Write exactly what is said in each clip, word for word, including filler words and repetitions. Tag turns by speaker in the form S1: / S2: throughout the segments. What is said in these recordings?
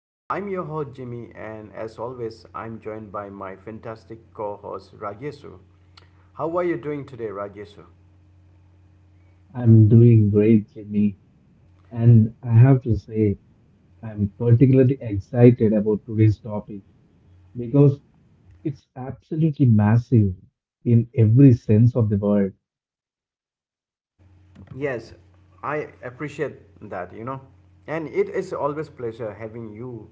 S1: Uh, I'm your host, Jimmy, and as always, I'm joined by my fantastic co host, Rajesu. How are you doing today, Rajesu?
S2: I'm doing great, Jimmy. And I have to say, I'm particularly excited about today's topic because it's absolutely massive in every sense of the word.
S1: Yes, I appreciate that, you know. And it is always pleasure having you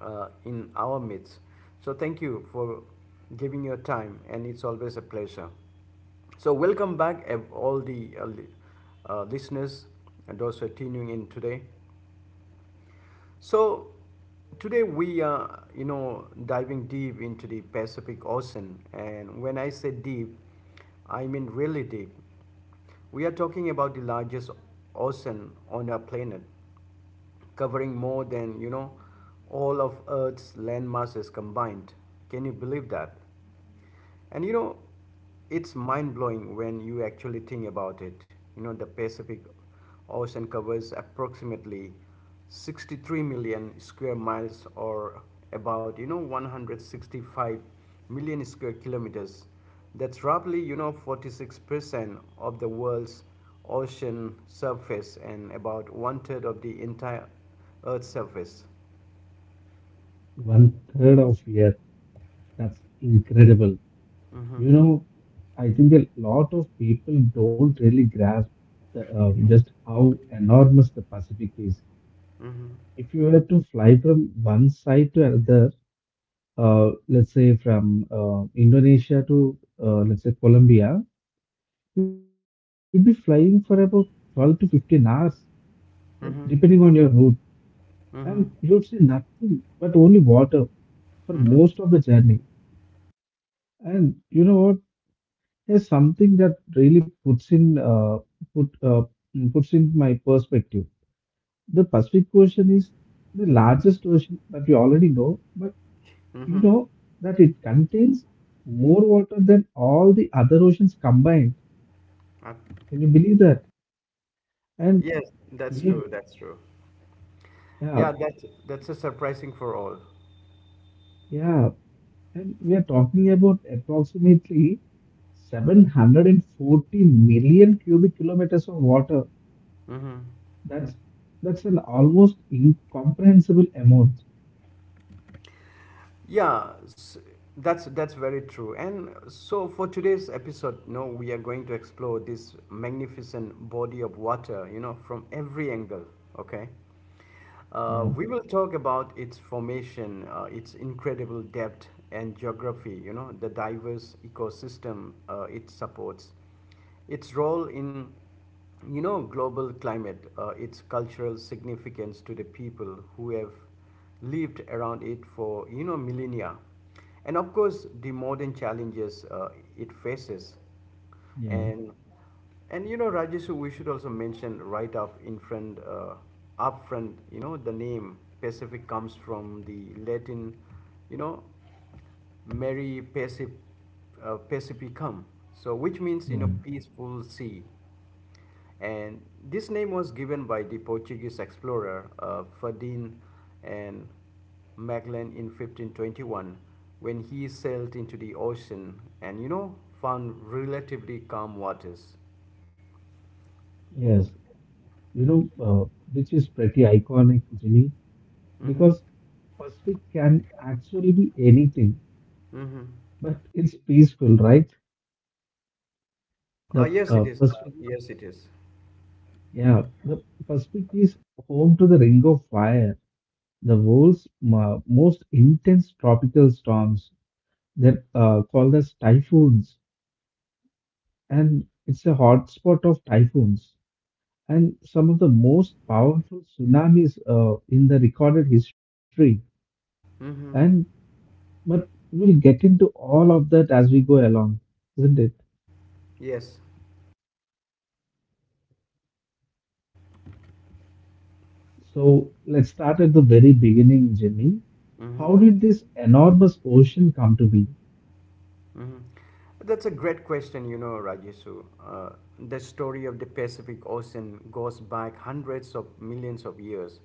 S1: uh, in our midst. So thank you for giving your time and it's always a pleasure. So welcome back ev- all the uh, li- uh, listeners and those who are tuning in today. So today we are, you know, diving deep into the Pacific Ocean, and when I say deep, I mean really deep. We are talking about the largest ocean on our planet, covering more than, you know, all of Earth's land masses combined. Can you believe that? And you know, it's mind blowing when you actually think about it. You know, the Pacific Ocean covers approximately sixty-three million square miles or about, you know, one hundred sixty-five million square kilometers. That's roughly, you know, forty-six percent of the world's ocean surface and about one third of the entire Earth's surface.
S2: One third of Earth. That's incredible.
S1: Mm-hmm.
S2: You know, I think a lot of people don't really grasp the, uh,
S1: Mhm.
S2: just how enormous the Pacific is.
S1: Mm-hmm.
S2: If you were to fly from one side to another, uh, let's say from uh, Indonesia to uh, let's say Colombia, you'd be flying for about twelve to fifteen hours, uh, depending on
S1: Mm-hmm.
S2: your route, and you'd
S1: Mm-hmm.
S2: see nothing but only water for most
S1: Mm-hmm.
S2: of the journey. And you know what? There's something that really puts in uh, put uh, puts in my perspective. The Pacific Ocean is the largest ocean that we already know, but you know that it contains more water than all the other oceans combined. Can you believe that? And
S1: Yes, that's
S2: we
S1: true. That's true.
S2: yeah,
S1: Yeah, that's that's a surprising for all.
S2: yeah, And we are talking about approximately seven hundred forty million cubic kilometers of water.
S1: Mm-hmm.
S2: That's that's an almost incomprehensible amount.
S1: Yeah, s that's that's very true. And so for today's episode, you know, we are going to explore this magnificent body of water, you know, from every angle. Okay.
S2: Yeah,
S1: Uh, we will talk about its formation, uh, its incredible depth and geography, you know, the diverse ecosystem uh, it supports, its role in, you know, global climate, uh, its cultural significance to the people who have lived around it for, you know, millennia. And of course, the modern challenges uh, it faces.
S2: yeah,
S1: And and you know, Rajesh, we should also mention right up in front, uh, up front. You know, the name Pacific comes from the Latin, you know. Mary Pacif- uh, Pacificum, so which means you know
S2: yeah.
S1: peaceful sea. And this name was given by the Portuguese explorer uh, Ferdinand and Magellan in fifteen twenty-one when he sailed into the ocean and you know found relatively calm waters.
S2: Yes, you know, uh, which is pretty iconic, Jimmy, because
S1: Mm-hmm.
S2: Pacific can actually be anything,
S1: Mm-hmm.
S2: but it's peaceful, right?
S1: Ah,
S2: The
S1: yes, it
S2: uh,
S1: is.
S2: Pacific,
S1: Yes, it is.
S2: yeah, the Pacific is home to the Ring of Fire, the world's mo- most intense tropical storms that uh, called as typhoons, and it's a hotspot of typhoons and some of the most powerful tsunamis uh, in the recorded history. And
S1: Mm-hmm.
S2: but we'll get into all of that as we go along, isn't it?
S1: Yes.
S2: So let's start at the very beginning, Jimmy.
S1: Mm-hmm.
S2: How did this enormous ocean come to be?
S1: Hmm. That's a great question, you know, Rajesu. Uh, the story of the Pacific Ocean goes back hundreds of millions of years.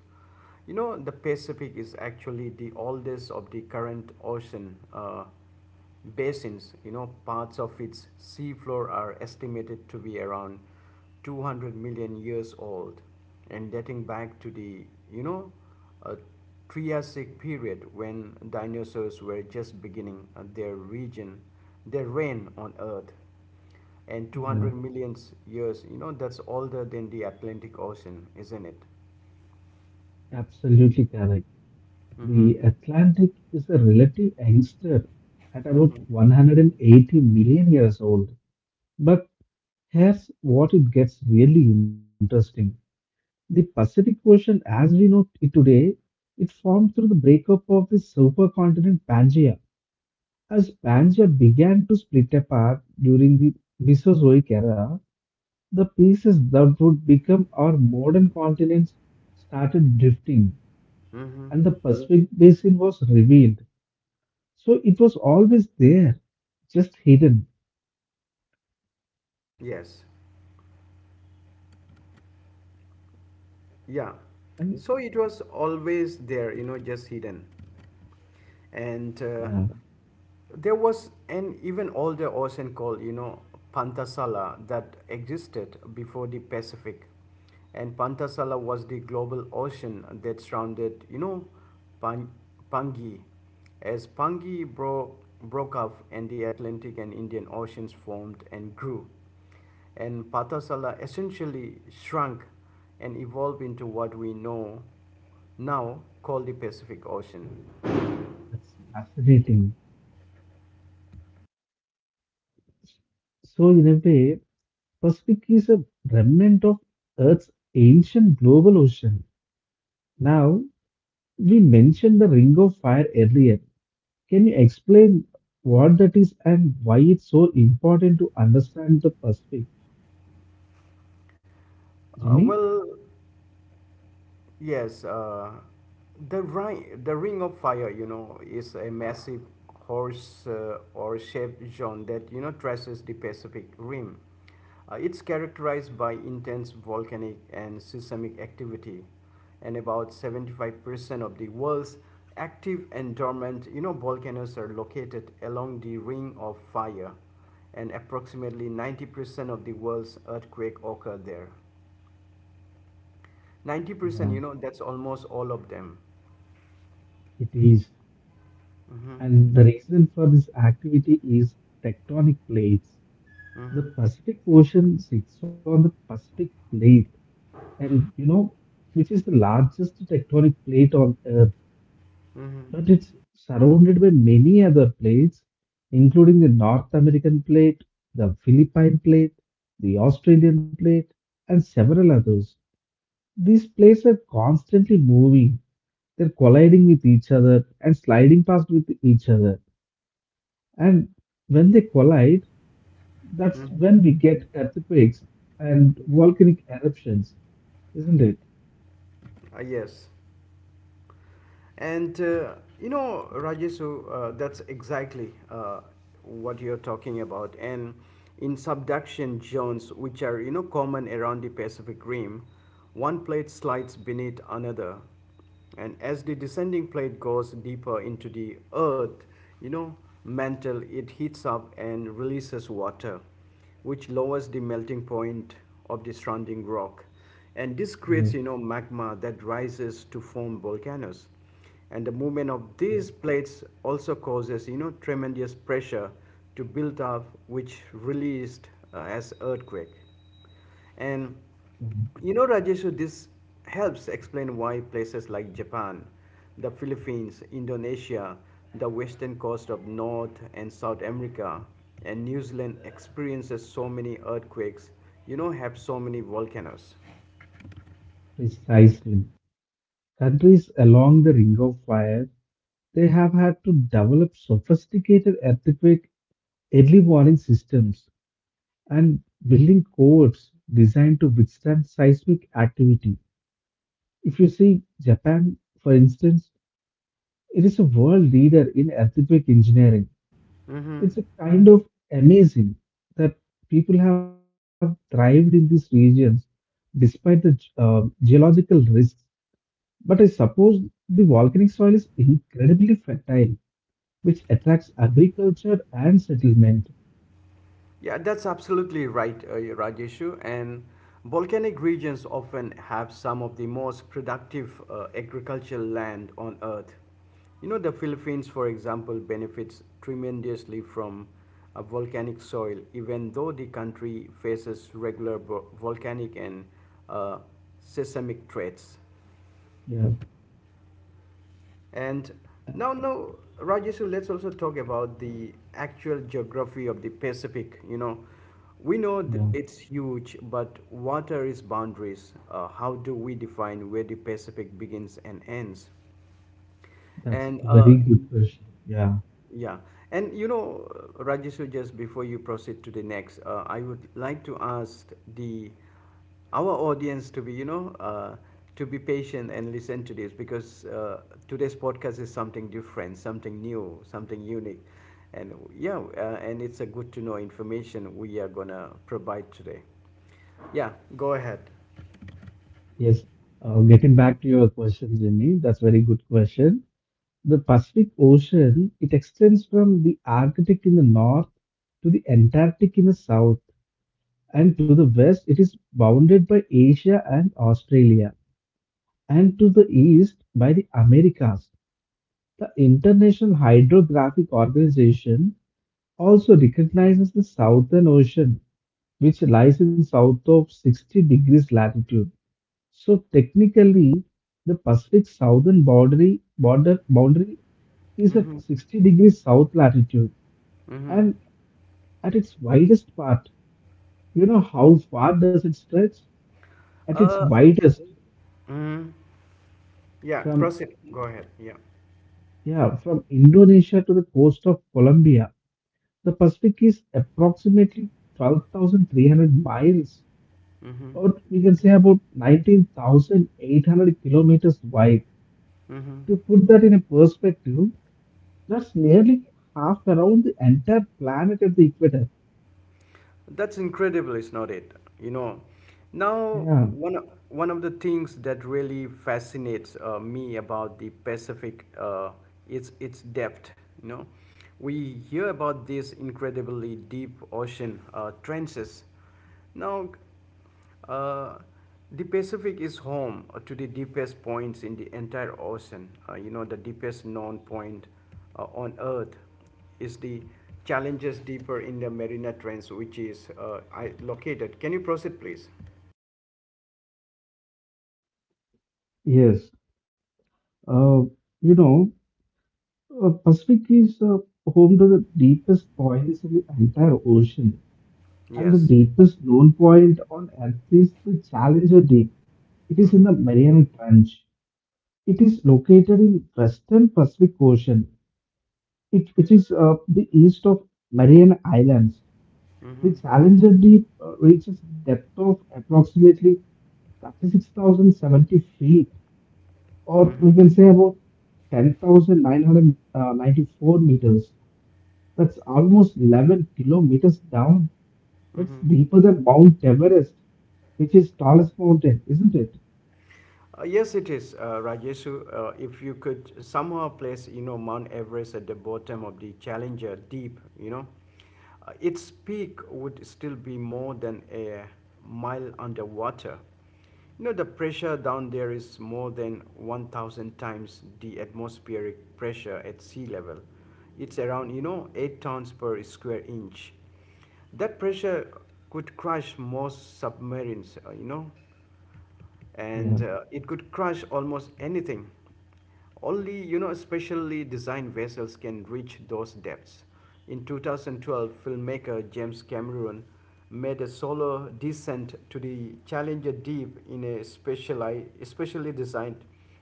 S1: You know, the Pacific is actually the oldest of the current ocean uh, basins. You know, parts of its seafloor are estimated to be around two hundred million years old and dating back to the, you know, uh, Triassic period when dinosaurs were just beginning uh, their region, their reign on Earth, and
S2: Yeah,
S1: two hundred million years, you know, that's older than the Atlantic Ocean, isn't it?
S2: absolutely correct.
S1: Mm-hmm.
S2: The Atlantic is a relative youngster at about
S1: Mm-hmm.
S2: one hundred eighty million years old. But here's what it gets really interesting. The Pacific Ocean, as we know it today, it formed through the breakup of the supercontinent Pangaea. As Pangaea began to split apart during the Mesozoic era, the pieces that would become our modern continents started drifting,
S1: Mm-hmm.
S2: and the Pacific Basin was revealed. So it was always there, just hidden.
S1: Yes. Yeah.
S2: And
S1: So it was always there, you know, just hidden. And
S2: yeah,
S1: uh, there was an even older ocean called, you know, Pantasala that existed before the Pacific. And Pantasala was the global ocean that surrounded, you know, Pan- Pangi. As Pangi bro- broke off and the Atlantic and Indian Oceans formed and grew, and Pathasala essentially shrunk and evolved into what we know now called the Pacific Ocean.
S2: that's fascinating. So, in a way, Pacific is a remnant of Earth's ancient global ocean. Now, we mentioned the Ring of Fire earlier. Can you explain what that is and why it's so important to understand the Pacific, Jimmy?
S1: Uh, well, Yes, uh, the ring, the Ring of Fire, you know, is a massive horse uh, or shaped zone that you know traces the Pacific Rim. Uh, it's characterized by intense volcanic and seismic activity, and about seventy-five percent of the world's active and dormant, you know, volcanoes are located along the Ring of Fire, and approximately ninety percent of the world's earthquake occur there. ninety percent,
S2: Yeah,
S1: you know, that's almost all of them.
S2: it is.
S1: Mm-hmm.
S2: And the reason for this activity is tectonic plates. The
S1: Mm-hmm.
S2: Pacific Ocean sits on the Pacific Plate, and you know, which is the largest tectonic plate on Earth,
S1: Mm-hmm.
S2: but it's surrounded by many other plates, including the North American plate, the Philippine plate, the Australian plate, and several others. These plates are constantly moving, they're colliding with each other and sliding past with each other. And when they collide, that's
S1: Mm-hmm.
S2: when we get earthquakes and volcanic eruptions, isn't it?
S1: Uh, yes. And uh, you know, Rajesu, uh, that's exactly uh, what you're talking about. And in subduction zones, which are you know common around the Pacific Rim, one plate slides beneath another, and as the descending plate goes deeper into the earth, you know, mantle, it heats up and releases water, which lowers the melting point of the surrounding rock. And this
S2: Yeah.
S1: creates, you know, magma that rises to form volcanoes. And the movement of
S2: Yeah,
S1: these plates also causes, you know, tremendous pressure to build up, which released uh, as earthquake. And
S2: yeah.
S1: you know, Rajeshu, this helps explain why places like Japan, the Philippines, Indonesia, the western coast of North and South America, and New Zealand experiences so many earthquakes, you know, have so many volcanoes.
S2: Precisely. Countries along the Ring of Fire, they have had to develop sophisticated earthquake early warning systems and building codes designed to withstand seismic activity. If you see Japan, for instance, it is a world leader in earthquake engineering. It's a kind of amazing that people have thrived in these regions despite the ge- uh, geological risks. But I suppose the volcanic soil is incredibly fertile, which attracts agriculture and settlement.
S1: Yeah, that's absolutely right, uh, Rajeshu. And volcanic regions often have some of the most productive uh, agricultural land on Earth. You know, the Philippines, for example, benefits tremendously from a volcanic soil, even though the country faces regular vo- volcanic and uh, seismic threats.
S2: Yeah,
S1: And now, now, Rajesh, let's also talk about the actual geography of the Pacific. You know, we know th-
S2: yeah,
S1: it's huge, but what are its boundaries? Uh, how do we define where the Pacific begins and ends?
S2: that's
S1: And
S2: a
S1: uh,
S2: very good question. Yeah,
S1: yeah. And you know, Rajesu, just before you proceed to the next, uh, I would like to ask the our audience to be, you know, uh, to be patient and listen to this because uh, today's podcast is something different, something new, something unique, and yeah, uh, and it's a good to know information we are gonna provide today. Yeah, go ahead.
S2: yes. Uh, getting back to your question, Jimmy, that's a very good question. The Pacific Ocean, it extends from the Arctic in the north to the Antarctic in the south, and to the west it is bounded by Asia and Australia, and to the east by the Americas. The International Hydrographic Organization also recognizes the Southern Ocean, which lies in south of sixty degrees latitude. So technically, the Pacific southern boundary border boundary is at
S1: Mm-hmm.
S2: sixty degrees south latitude,
S1: Mm-hmm.
S2: and at its widest part, you know how far does it stretch? At its
S1: Uh,
S2: widest.
S1: yeah,
S2: From
S1: proceed. Go ahead. Yeah.
S2: yeah, from Indonesia to the coast of Colombia, the Pacific is approximately twelve thousand three hundred miles,
S1: Mm-hmm.
S2: or we can say about nineteen thousand eight hundred kilometers wide.
S1: Mm-hmm.
S2: To put that in a perspective, that's nearly half around the entire planet at the equator.
S1: That's incredible, is not it? You know, now
S2: Yeah,
S1: one o- one of the things that really fascinates uh, me about the Pacific uh, is its depth. You know, we hear about these incredibly deep ocean uh, trenches. Now, uh, the Pacific is home to the deepest points in the entire ocean. Uh, you know, the deepest known point uh, on Earth is the Challenges deeper in the Mariana Trench, which is uh, I, located. Can you proceed, please?
S2: yes. Uh, you know, uh, Pacific is uh, home to the deepest points in the entire ocean. And the
S1: Yes.
S2: deepest known point on Earth is the Challenger Deep. It is in
S1: Mm-hmm.
S2: the Mariana Trench. It is located in western Pacific Ocean, it, which is uh, the east of Marian Islands.
S1: Mm-hmm.
S2: The Challenger Deep uh, reaches depth of approximately thirty-six thousand seventy feet, or
S1: Mm-hmm.
S2: we can say about ten thousand nine hundred ninety-four meters. That's almost eleven kilometers down. It's
S1: Mm-hmm.
S2: deeper than Mount Everest, which is tallest mountain, isn't it?
S1: Uh, yes, it is, uh, Rajesu. Uh, if you could somehow place, you know, Mount Everest at the bottom of the Challenger Deep, you know, uh, its peak would still be more than a mile underwater. You know, the pressure down there is more than one thousand times the atmospheric pressure at sea level. It's around, you know, eight tons per square inch. That pressure could crush most submarines, uh, you know,
S2: Yeah.
S1: and uh, it could crush almost anything. Only, you know, specially designed vessels can reach those depths. In two thousand twelve, filmmaker James Cameron made a solo descent to the Challenger Deep in a speciali- specially designed,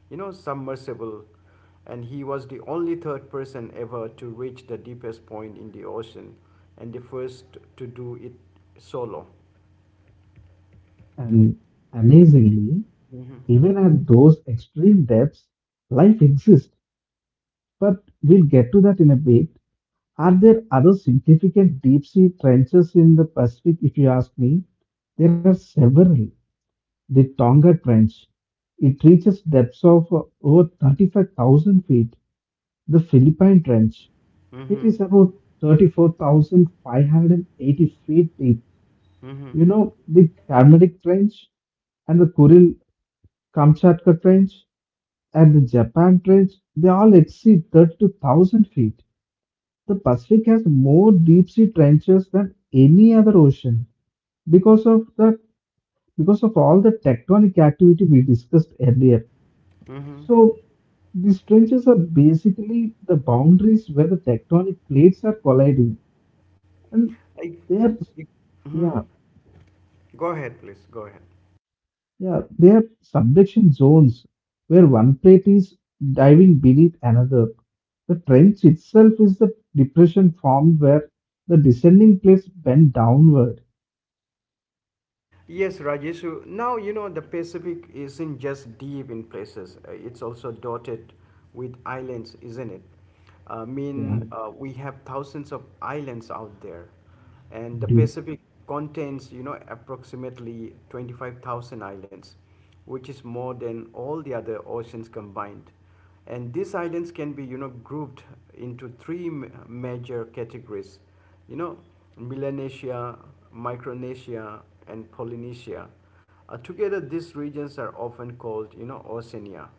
S1: you know, submersible, and he was the only third person ever to reach the deepest point in the ocean and the first to do it solo.
S2: And amazingly, even at those extreme depths, life exists. But we'll get to that in a bit. Are there other significant deep sea trenches in the Pacific, if you ask me? There are several. The Tonga Trench, it reaches depths of uh, over thirty-five thousand feet. The Philippine Trench, it
S1: Mm-hmm.
S2: is about thirty-four thousand five hundred eighty feet deep.
S1: Mm-hmm.
S2: You know, the Karnatic Trench and the Kuril Kamchatka Trench and the Japan Trench, they all exceed thirty-two thousand feet. The Pacific has more deep sea trenches than any other ocean because of the because of all the tectonic activity we discussed earlier.
S1: Mm-hmm.
S2: So these trenches are basically the boundaries where the tectonic plates are colliding, and
S1: I,
S2: they are
S1: Mhm.
S2: yeah,
S1: Go ahead, please. Go ahead.
S2: yeah. They are subduction zones where one plate is diving beneath another. The trench itself is the depression formed where the descending plates bend downward.
S1: Yes, Rajeshu. Now, you know, the Pacific isn't just deep in places, uh, it's also dotted with islands, isn't it? I
S2: Yeah,
S1: mean, uh, we have thousands of islands out there, and the
S2: we do.
S1: Pacific contains, you know, approximately twenty-five thousand islands, which is more than all the other oceans combined. And these islands can be, you know, grouped into three major categories, you know, Melanesia, Micronesia, and Polynesia. Uh, together these regions are often called, you know, Oceania.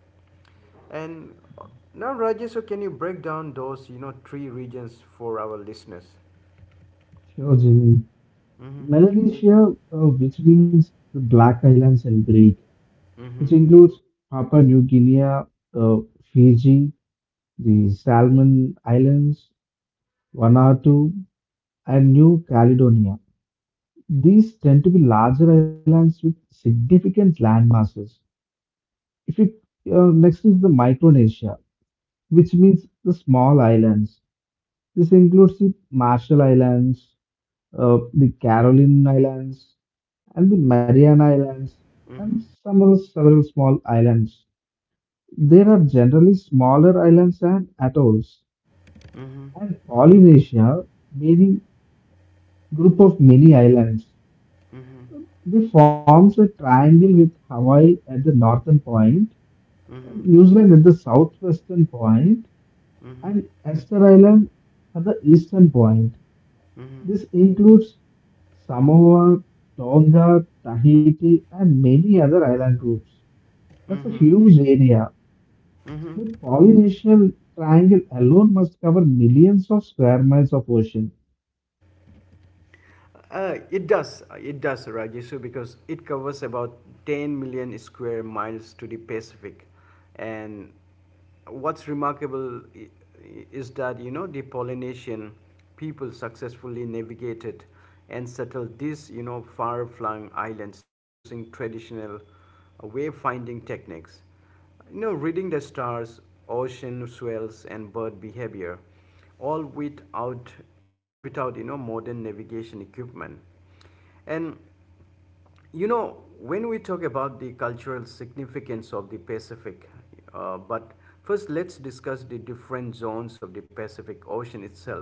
S1: And uh, now Rajesh, so can you break down those, you know, three regions for our listeners?
S2: Sure, Jimmy.
S1: Mm-hmm.
S2: Melanesia, uh, which means the Black Islands in Greek, which
S1: Mm-hmm.
S2: includes Papua New Guinea, uh, Fiji, the Salmon Islands, Vanuatu, and New Caledonia. These tend to be larger islands with significant land masses. If you, uh, next is the Micronesia, which means the small islands. This includes the Marshall Islands, uh, the Caroline Islands, and the Mariana Islands, and
S1: Mm-hmm.
S2: some other several small islands. There are generally smaller islands and atolls,
S1: Mm-hmm.
S2: and Polynesia, meaning group of many islands.
S1: Mm-hmm.
S2: They forms a triangle with Hawaii at the northern point, and
S1: Mm-hmm.
S2: New Zealand at the southwestern point,
S1: Mm-hmm. Mm-hmm.
S2: and Esther Island at the eastern point. This includes Samoa, Tonga, Tahiti, and many other island groups. That's a
S1: Mm-hmm.
S2: huge area.
S1: Mm-hmm.
S2: The Polynesian Triangle alone must cover millions of square miles of ocean.
S1: Uh, it does, uh, it does, Rajesh, because it covers about ten million square miles to the Pacific, and what's remarkable i- is that you know the Polynesian people successfully navigated and settled these you know far-flung islands using traditional uh, wave techniques. You know, reading the stars, ocean swells, and bird behavior, all without all without you know modern navigation equipment. And you know, when we talk about the cultural significance of the Pacific, uh, but first let's discuss the different zones of the Pacific Ocean itself.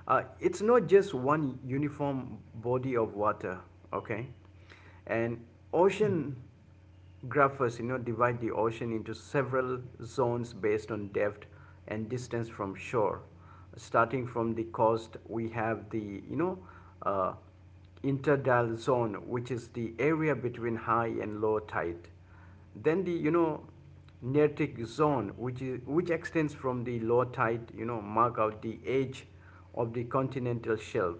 S1: Uh, it's not just one uniform body of water, okay? And ocean graphers you know divide the ocean into several zones based on depth and distance from shore. Starting from the coast we have the, you know, uh, interdial zone, which is the area between high and low tide. Then the, you know, neartic zone, which is which extends from the low tide you know mark out the edge of the continental shelf.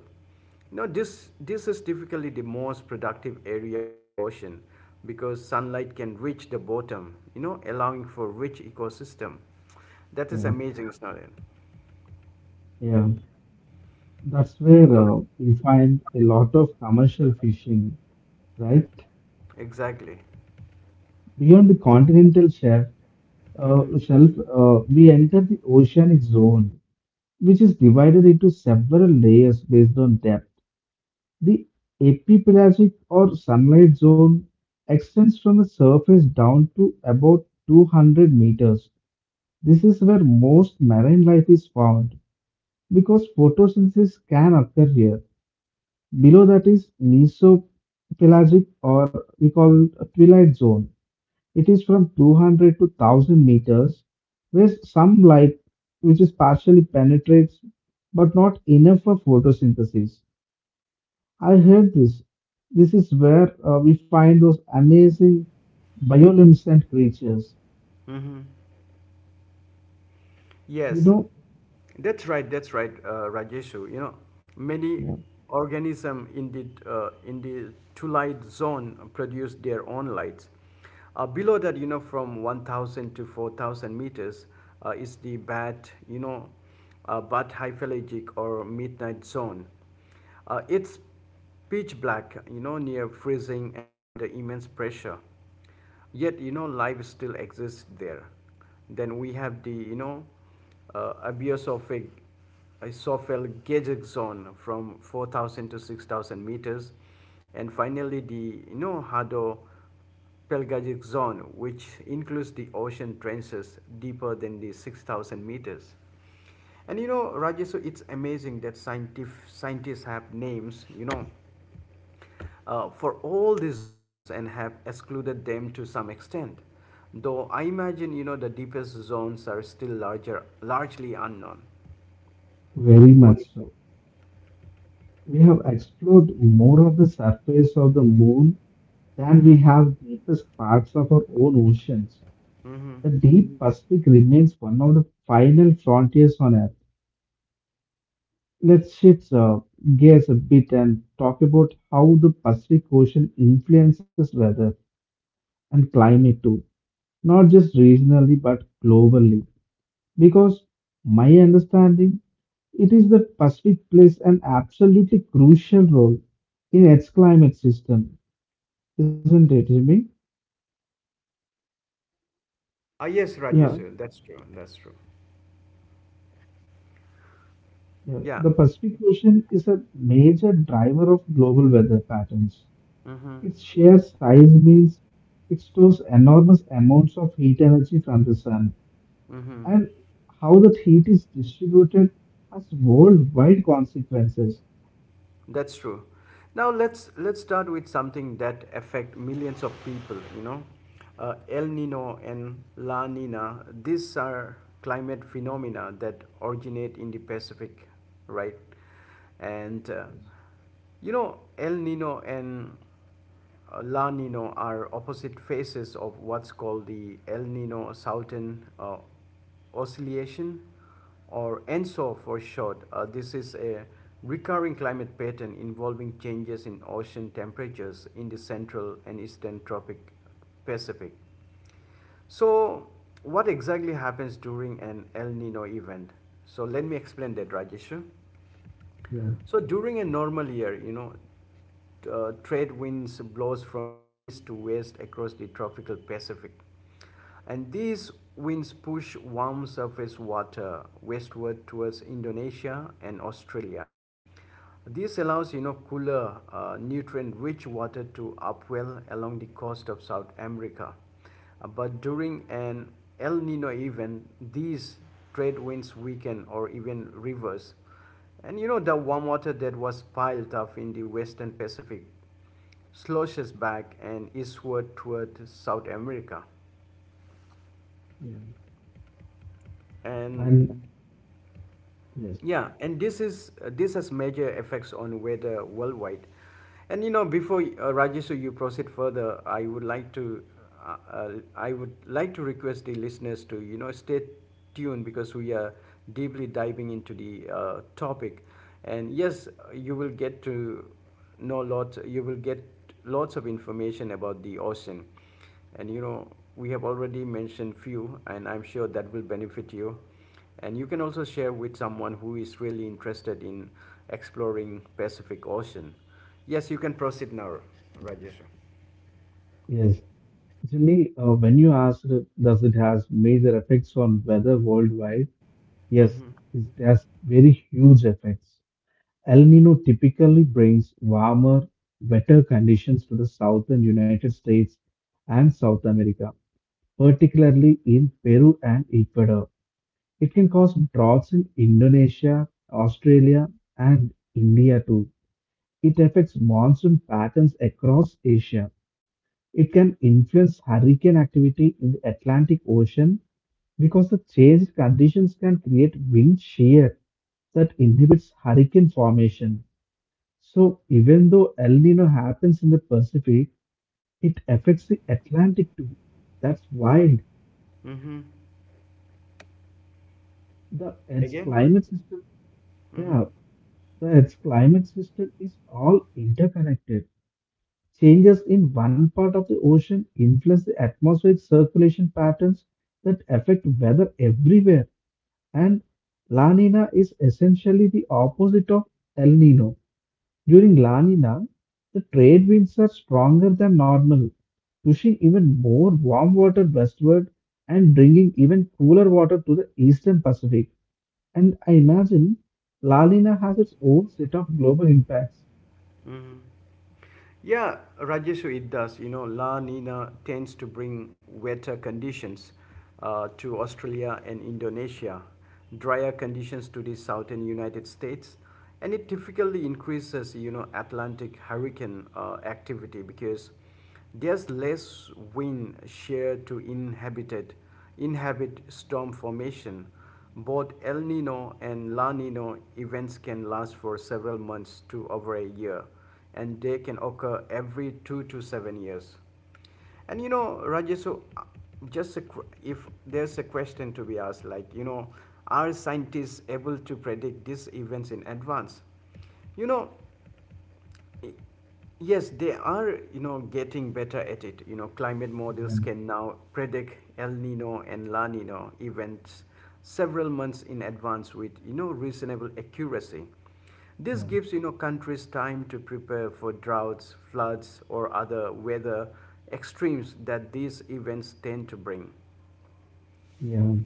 S1: No, this, this is typically the most productive area of the ocean because sunlight can reach the bottom, you know, allowing for rich ecosystem. That is
S2: Yeah,
S1: amazing, isn't it?
S2: yeah. That's where
S1: So,
S2: uh, we find a lot of commercial fishing, right?
S1: exactly.
S2: Beyond the continental shelf, uh, shelf uh, we enter the oceanic zone, which is divided into several layers based on depth. The epipelagic or sunlight zone extends from the surface down to about two hundred meters. This is where most marine life is found because photosynthesis can occur here. Below that is mesopelagic, or we call it a twilight zone. It is from two hundred to one thousand meters, where some light, which is partially penetrates but not enough for photosynthesis. I heard this. This is where uh, we find those amazing bioluminescent creatures. You
S1: Yes,
S2: know,
S1: that's right. That's right, uh, Rajeshu. You know, many
S2: yeah,
S1: organisms, in the uh, in the two light zone produce their own lights. Uh, below that, you know, from one thousand to four thousand meters uh, is the bat, you know, uh, bat hyphalangic or midnight zone. Uh, it's pitch black, you know, near freezing and under immense pressure, yet you know life still exists there. Then we have the you know uh, abiosophic isophyll gauge zone from four thousand to six thousand meters, and finally the you know hado pelagic zone, which includes the ocean trenches deeper than the six thousand meters. And you know Rajesh, so it's amazing that scientific scientists have names, you know uh, for all these zones and have excluded them to some extent. Though I imagine, you know the deepest zones are still larger, largely unknown.
S2: very
S1: What
S2: much
S1: do you say?
S2: so. We have explored more of the surface of the moon than we
S1: Mm-hmm.
S2: have deepest parts of our own oceans. The
S1: Mm-hmm.
S2: deep Pacific remains one of the final frontiers on Earth. Let's shift uh, gears a bit and talk about how the Pacific Ocean influences weather and climate too, not just regionally but globally. Because my understanding, it is that Pacific plays an absolutely crucial role in its climate system, isn't it, Jimmy?
S1: Ah, yes,
S2: Yeah,
S1: Rajesh, that's true. That's true.
S2: yeah.
S1: Yeah.
S2: The Pacific Ocean is a major driver of global weather patterns.
S1: Mm-hmm.
S2: Its sheer size means it stores enormous amounts of heat energy from the sun,
S1: Mm-hmm.
S2: and how that heat is distributed has worldwide consequences.
S1: That's true. Now, let's let's start with something that affect millions of people. You know, uh, El Nino and La Nina. These are climate phenomena that originate in the Pacific, right? And uh, you know, El Nino and uh, La Nino are opposite faces of what's called the El Nino Southern uh, Oscillation, or ENSO for short. Uh, this is a recurring climate pattern involving changes in ocean temperatures in the central and eastern tropic Pacific. So, what exactly happens during an El Nino event? So, let me explain that, Rajeshu.
S2: Yeah,
S1: So, during a normal year, you know, uh, trade winds blows from the east to west across the tropical Pacific. And these winds push warm surface water westward towards Indonesia and Australia. This allows you know cooler, uh, nutrient-rich water to upwell along the coast of South America. Uh, but during an El Nino event, these trade winds weaken or even reverse. And you know the warm water that was piled up in the western Pacific sloshes back and eastward toward South America.
S2: yeah.
S1: And,
S2: And yes,
S1: yeah, and this is uh, this has major effects on weather worldwide. And you know, before uh, Rajesh, so you proceed further, I would like to uh, uh, I would like to request the listeners to you know stay tuned, because we are deeply diving into the uh, topic. And yes, you will get to know lots. You will get lots of information about the ocean, and you know we have already mentioned few, and I'm sure that will benefit you, and you can also share with someone who is really interested in exploring Pacific Ocean. Yes, you can proceed now, Rajesh.
S2: yes. Jimmy, uh, when you asked, uh, does it has major effects on weather worldwide? Yes, it has very huge effects. El Nino typically brings warmer, wetter conditions to the southern United States and South America, particularly in Peru and Ecuador. It can cause droughts in Indonesia, Australia, and India too. It affects monsoon patterns across Asia. It can influence hurricane activity in the Atlantic Ocean because the changed conditions can create wind shear that inhibits hurricane formation. So, even though El Nino happens in the Pacific, it affects the Atlantic too. That's wild.
S1: Mm-hmm.
S2: The Earth's
S1: Again?
S2: climate system
S1: Mm-hmm.
S2: yeah, the Earth's climate system is all interconnected. Changes in one part of the ocean influence the atmospheric circulation patterns that affect weather everywhere. And La Nina is essentially the opposite of El Nino. During La Nina, the trade winds are stronger than normal, pushing even more warm water westward and bringing even cooler water to the eastern Pacific. And I imagine La Lina has its own set of global impacts.
S1: Mm-hmm. Yeah, Rajeshu, it does. You know, La Nina tends to bring wetter conditions uh, to Australia and Indonesia, drier conditions to the southern United States, and it typically increases, you know, Atlantic hurricane uh, activity, because there's less wind shear to inhabited, inhabit storm formation. Both El Nino and La Nino events can last for several months to over a year, and they can occur every two to seven years. And you know, Rajesh, so uh, just a, if there's a question to be asked, like, you know, are scientists able to predict these events in advance? You know, Yes, they are, you know, getting better at it. You know, climate
S2: Yeah,
S1: models can now predict El Nino and La Nino events several months in advance with, you know, reasonable accuracy. This
S2: yeah,
S1: gives, you know, countries time to prepare for droughts, floods, or other weather extremes that these events tend to bring.
S2: yeah.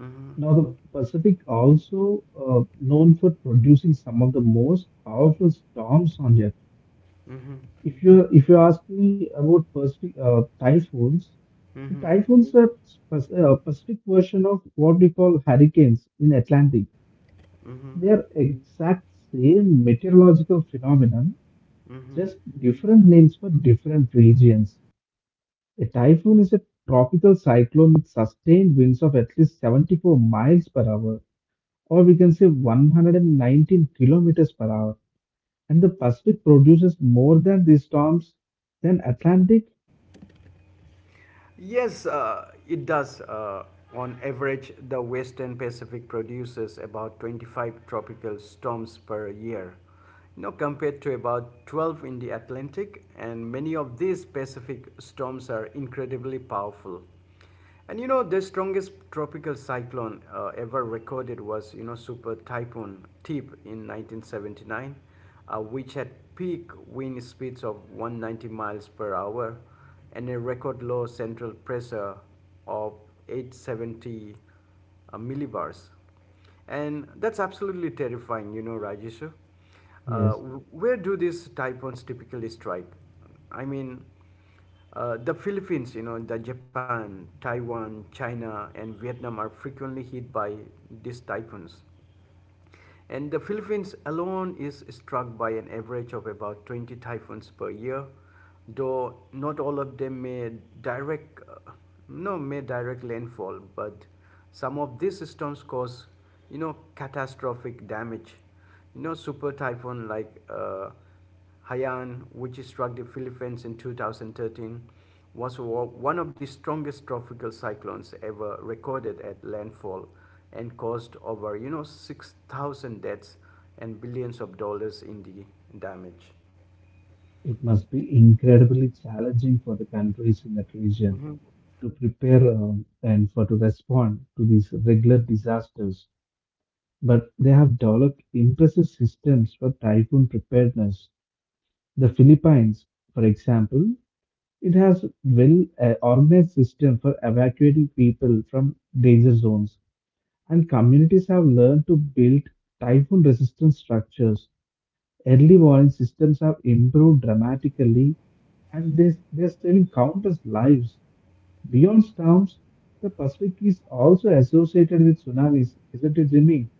S1: Mm-hmm.
S2: Now, the Pacific also uh, known for producing some of the most powerful storms on Earth.
S1: Mm-hmm.
S2: If you if you ask me about Pacific uh, typhoons, the
S1: Mm-hmm.
S2: typhoons are Pac- uh, Pacific version of what we call hurricanes in Atlantic.
S1: Mm-hmm.
S2: They are exact same meteorological phenomenon,
S1: Mm-hmm.
S2: just different names for different regions. A typhoon is a tropical cyclone with sustained winds of at least seventy-four miles per hour, or we can say one hundred nineteen kilometers per hour. And the Pacific produces more than these storms than Atlantic?
S1: Yes, uh, it does. Uh, on average, the Western Pacific produces about twenty-five tropical storms per year, you know, compared to about twelve in the Atlantic, and many of these Pacific storms are incredibly powerful. And you know, the strongest tropical cyclone uh, ever recorded was, you know, Super Typhoon Tip in nineteen seventy-nine, uh, which had peak wind speeds of one hundred ninety miles per hour and a record low central pressure of eight hundred seventy uh, millibars. And that's absolutely terrifying, you know, Rajeshu. Uh,
S2: Yes,
S1: where do these typhoons typically strike? I mean, uh, the Philippines, you know, the Japan, Taiwan, China, and Vietnam are frequently hit by these typhoons. And the Philippines alone is struck by an average of about twenty typhoons per year, though not all of them may direct uh, no, may direct landfall. But some of these storms cause you know catastrophic damage. You know, super typhoon like uh, Hayan, which struck the Philippines in two thousand thirteen, was one of the strongest tropical cyclones ever recorded at landfall, and caused over, you know, six thousand deaths and billions of dollars in the damage.
S2: it must be incredibly challenging for the countries in that region to prepare um, and for to respond to these regular disasters. But they have developed impressive systems for typhoon preparedness. The Philippines, for example, it has well uh, organized system for evacuating people from danger zones, and communities have learned to build typhoon resistant structures. Early warning systems have improved dramatically, and they, they're saving countless lives. Beyond storms, the Pacific is also associated with tsunamis, isn't it, Jimmy?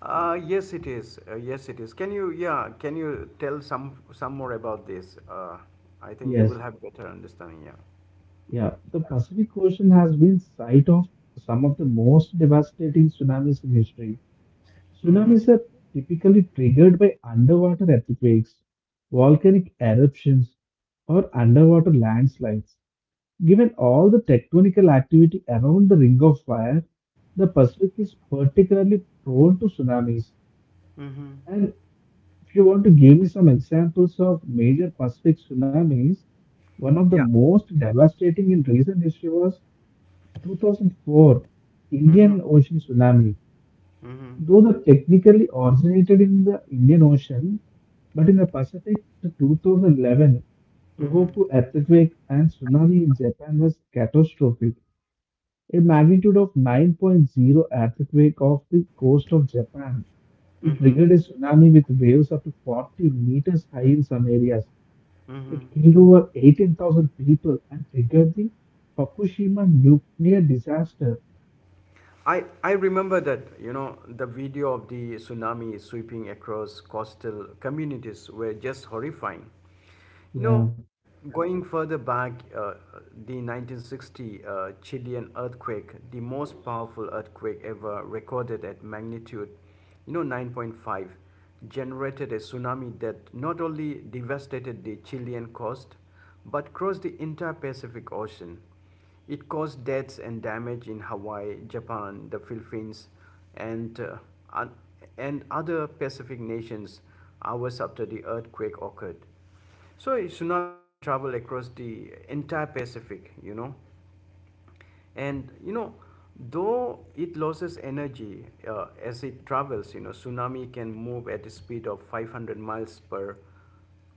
S1: Uh, yes, it is. Uh, yes, it is. Can you, yeah, can you tell some some more about this? Uh, I think you
S2: Yes.
S1: will have better understanding. Yeah.
S2: Yeah, the Pacific Ocean has been site of some of the most devastating tsunamis in history. Tsunamis are typically triggered by underwater earthquakes, volcanic eruptions, or underwater landslides. Given all the tectonical activity around the Ring of Fire, the Pacific is particularly prone to tsunamis.
S1: Mm-hmm.
S2: And if you want to give me some examples of major Pacific tsunamis, one of the
S1: Yeah.
S2: most devastating in recent history was two thousand four
S1: Mm-hmm.
S2: Indian Ocean tsunami.
S1: Mm-hmm.
S2: Though the technically originated in the Indian Ocean, but in the Pacific to twenty eleven,
S1: Mm-hmm.
S2: Tohoku earthquake and tsunami in Japan was catastrophic. A magnitude of 9.0 earthquake off the coast of Japan. It
S1: Mm-hmm.
S2: triggered a tsunami with waves up to forty meters high in some areas.
S1: Mm-hmm.
S2: It killed over eighteen thousand people and triggered the Fukushima nuclear disaster.
S1: I, I remember that, you know, the video of the tsunami sweeping across coastal communities were just horrifying. You
S2: Yeah,
S1: know, Going further back, uh, the nineteen sixty uh, Chilean earthquake, the most powerful earthquake ever recorded at magnitude, you know, nine point five, generated a tsunami that not only devastated the Chilean coast, but crossed the entire Pacific Ocean. It caused deaths and damage in Hawaii, Japan, the Philippines, and, uh, un- and other Pacific nations, hours after the earthquake occurred. So, a tsunami can travel across the entire Pacific, you know and you know though it loses energy, uh, as it travels, you know tsunami can move at a speed of five hundred miles per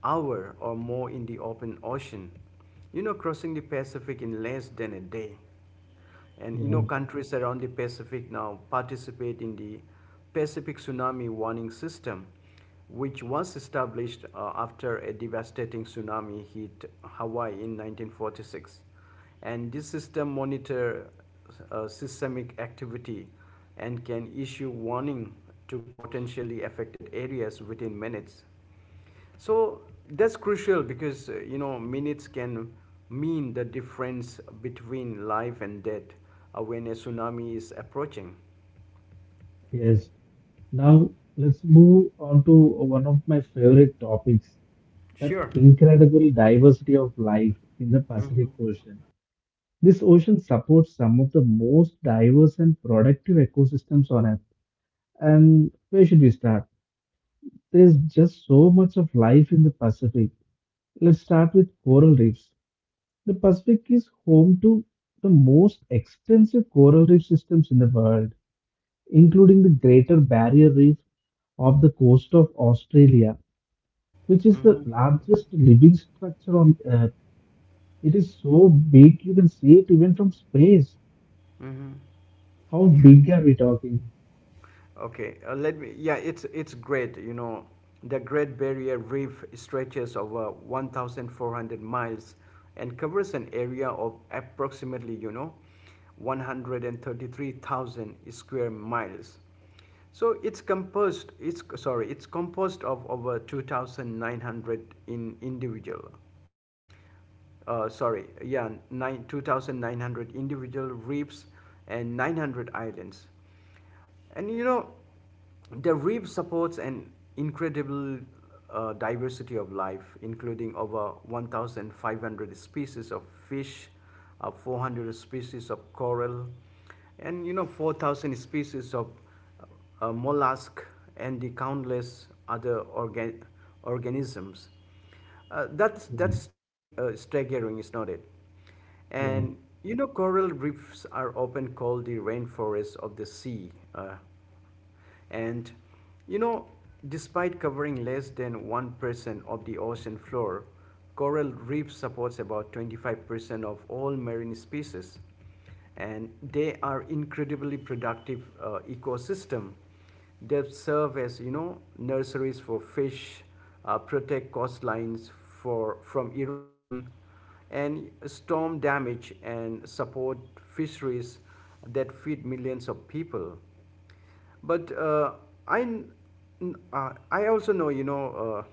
S1: hour or more in the open ocean, you know crossing the Pacific in less than a day. And you know,
S2: yeah,
S1: countries around the Pacific now participate in the Pacific Tsunami Warning System, which was established uh, after a devastating tsunami hit Hawaii in nineteen forty-six. And this system monitors uh, systemic activity and can issue warning to potentially affected areas within minutes. So that's crucial, because uh, you know minutes can mean the difference between life and death, uh, when a tsunami is approaching.
S2: yes. Now, let's move on to one of my favorite topics, that
S1: Sure.
S2: incredible diversity of life in the
S1: Mm-hmm.
S2: Pacific Ocean. This ocean supports some of the most diverse and productive ecosystems on Earth. And where should we start? There's just so much of life in the Pacific. Let's start with coral reefs. The Pacific is home to the most extensive coral reef systems in the world, including the Greater Barrier Reef off the coast of Australia, which is the
S1: Mm-hmm.
S2: largest living structure on Earth. It is so big you can see it even from space.
S1: Mm-hmm.
S2: How big are we talking?
S1: Okay, uh, let me. Yeah, it's it's great. You know, the Great Barrier Reef stretches over one thousand four hundred miles and covers an area of approximately, you know, one hundred thirty-three thousand square miles. So it's composed. It's sorry. It's composed of over two thousand nine hundred in individual uh, sorry, yeah, nine, two thousand nine hundred individual reefs and nine hundred islands. And you know, the reef supports an incredible uh, diversity of life, including over one thousand five hundred species of fish, uh, four hundred species of coral, and you know, four thousand species of uh, mollusk, and the countless other organ- organisms. Uh, that's that's
S2: Mm,
S1: strag- uh, staggering, is not it?
S2: yeah.
S1: And you know, Coral reefs are often called the rainforests of the sea. Uh, and you know, Despite covering less than one percent of the ocean floor, coral reef supports about twenty-five percent of all marine species, and they are incredibly productive uh, ecosystem. They serve as you know nurseries for fish, uh, protect coastlines for from erosion and storm damage, and support fisheries that feed millions of people. But uh, I, n- n- uh, I also know, you know,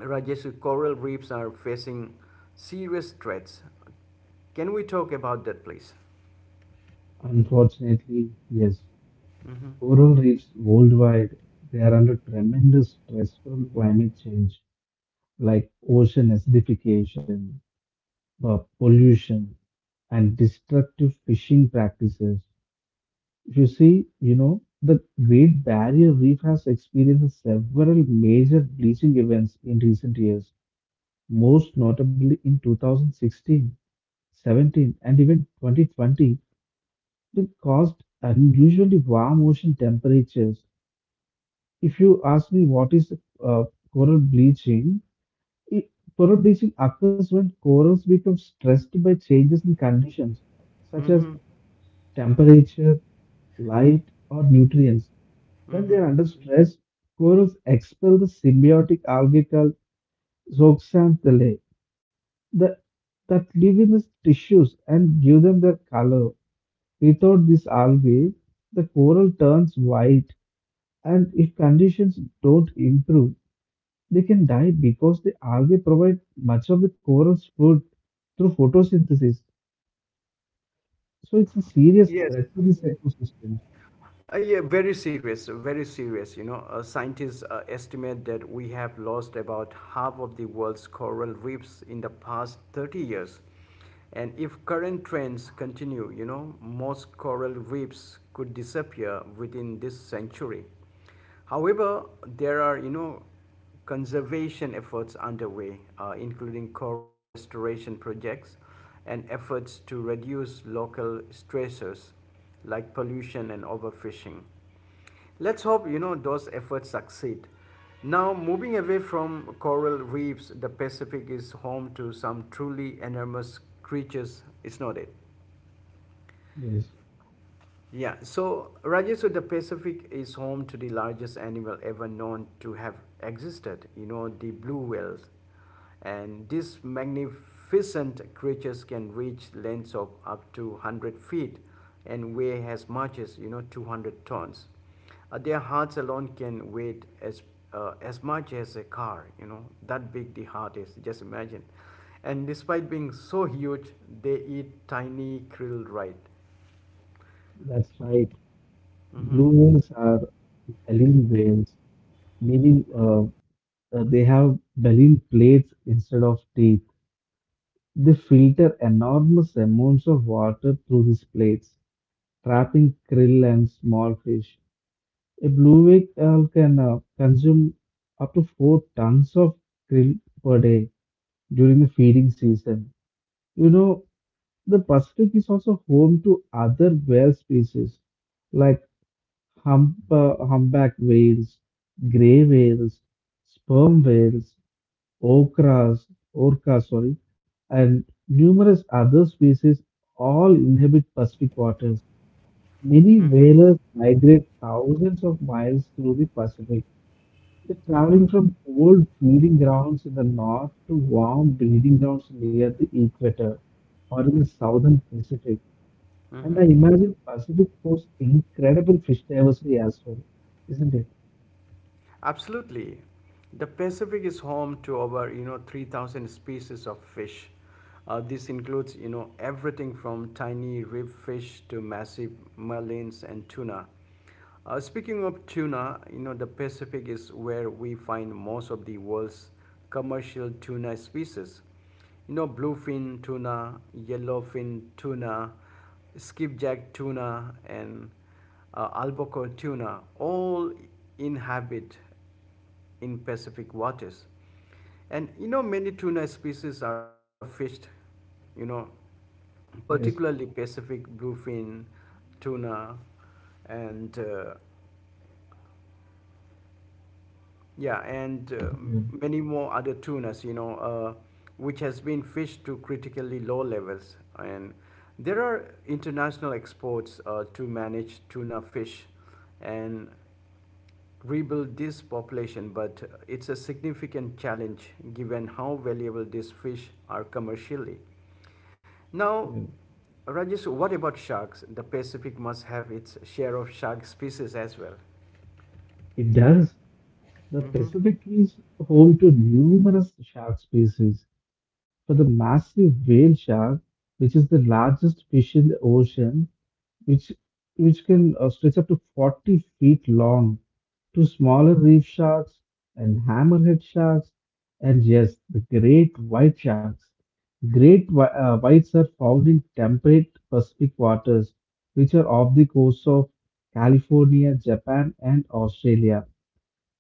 S1: uh, Rajesh, coral reefs are facing serious threats. Can we talk about that, please?
S2: Unfortunately, yes, coral reefs worldwide, they are under tremendous stress from climate change, like ocean acidification, uh, pollution, and destructive fishing practices. If you see, you know, the Great Barrier Reef has experienced several major bleaching events in recent years, most notably in twenty sixteen, seventeen, and even twenty twenty, that caused unusually warm ocean temperatures. If you ask me what is uh, coral bleaching, it, coral bleaching occurs when corals become stressed by changes in conditions, such as temperature, light, or nutrients. When they are under stress, corals expel the symbiotic algae called zooxanthellae that, that live in the tissues and give them their color. Without this algae, the coral turns white, and if conditions don't improve, they can die because the algae provide much of the coral's food through photosynthesis. So it's a serious
S1: Yes.
S2: threat to this ecosystem.
S1: Uh, yeah, very serious, very serious. You know, uh, scientists uh, estimate that we have lost about half of the world's coral reefs in the past thirty years. And if current trends continue, you know, most coral reefs could disappear within this century. However, there are, you know, conservation efforts underway, uh, including coral restoration projects and efforts to reduce local stressors like pollution and overfishing. Let's hope, you know, those efforts succeed. Now, moving away from coral reefs, the Pacific is home to some truly enormous creatures, is not it?
S2: Yes,
S1: Yeah, so, Rajesh, so the Pacific is home to the largest animal ever known to have existed, you know, the blue whales. And these magnificent creatures can reach lengths of up to one hundred feet and weigh as much as, you know, two hundred tons. Uh, their hearts alone can weigh as, uh, as much as a car, you know, that big the heart is, just imagine. And despite being so huge, they eat tiny krill, right.
S2: that's right. Blue whales are baleen whales, meaning uh, uh, they have baleen plates instead of teeth. They filter enormous amounts of water through these plates, trapping krill and small fish. A blue whale can uh, consume up to four tons of krill per day during the feeding season. You know, the Pacific is also home to other whale species, like Hump, uh, humpback whales, gray whales, sperm whales, okras, orcas, sorry, and numerous other species all inhabit Pacific waters. Many whalers migrate thousands of miles through the Pacific. They're traveling
S1: Mm-hmm.
S2: from cold feeding grounds in the north to warm breeding grounds near the equator or in the southern Pacific. And
S1: Mm-hmm.
S2: I imagine Pacific hosts incredible fish diversity as well, isn't it?
S1: Absolutely. The Pacific is home to over, you know, three thousand species of fish. Uh, this includes, you know, everything from tiny rib fish to massive marlins and tuna. Uh, speaking of tuna, you know, the Pacific is where we find most of the world's commercial tuna species. You know bluefin tuna, yellowfin tuna, skipjack tuna, and uh, albacore tuna all inhabit in Pacific waters. And you know many tuna species are overfished, you know
S2: Yes.
S1: particularly Pacific bluefin tuna, and uh, Yeah, and uh,
S2: Yeah.
S1: many more other tunas, you know, uh, which has been fished to critically low levels. And there are international exports uh, to manage tuna fish and rebuild this population, but it's a significant challenge given how valuable these fish are commercially. Now,
S2: Yeah.
S1: Rajesh, what about sharks? The Pacific must have its share of shark species as well.
S2: It does. The Pacific is home to numerous shark species, for the massive whale shark, which is the largest fish in the ocean, which which can uh, stretch up to forty feet long, to smaller reef sharks and hammerhead sharks, and yes, the great white sharks. Great whi- uh, whites are found in temperate Pacific waters, which are off the coast of California, Japan, and Australia.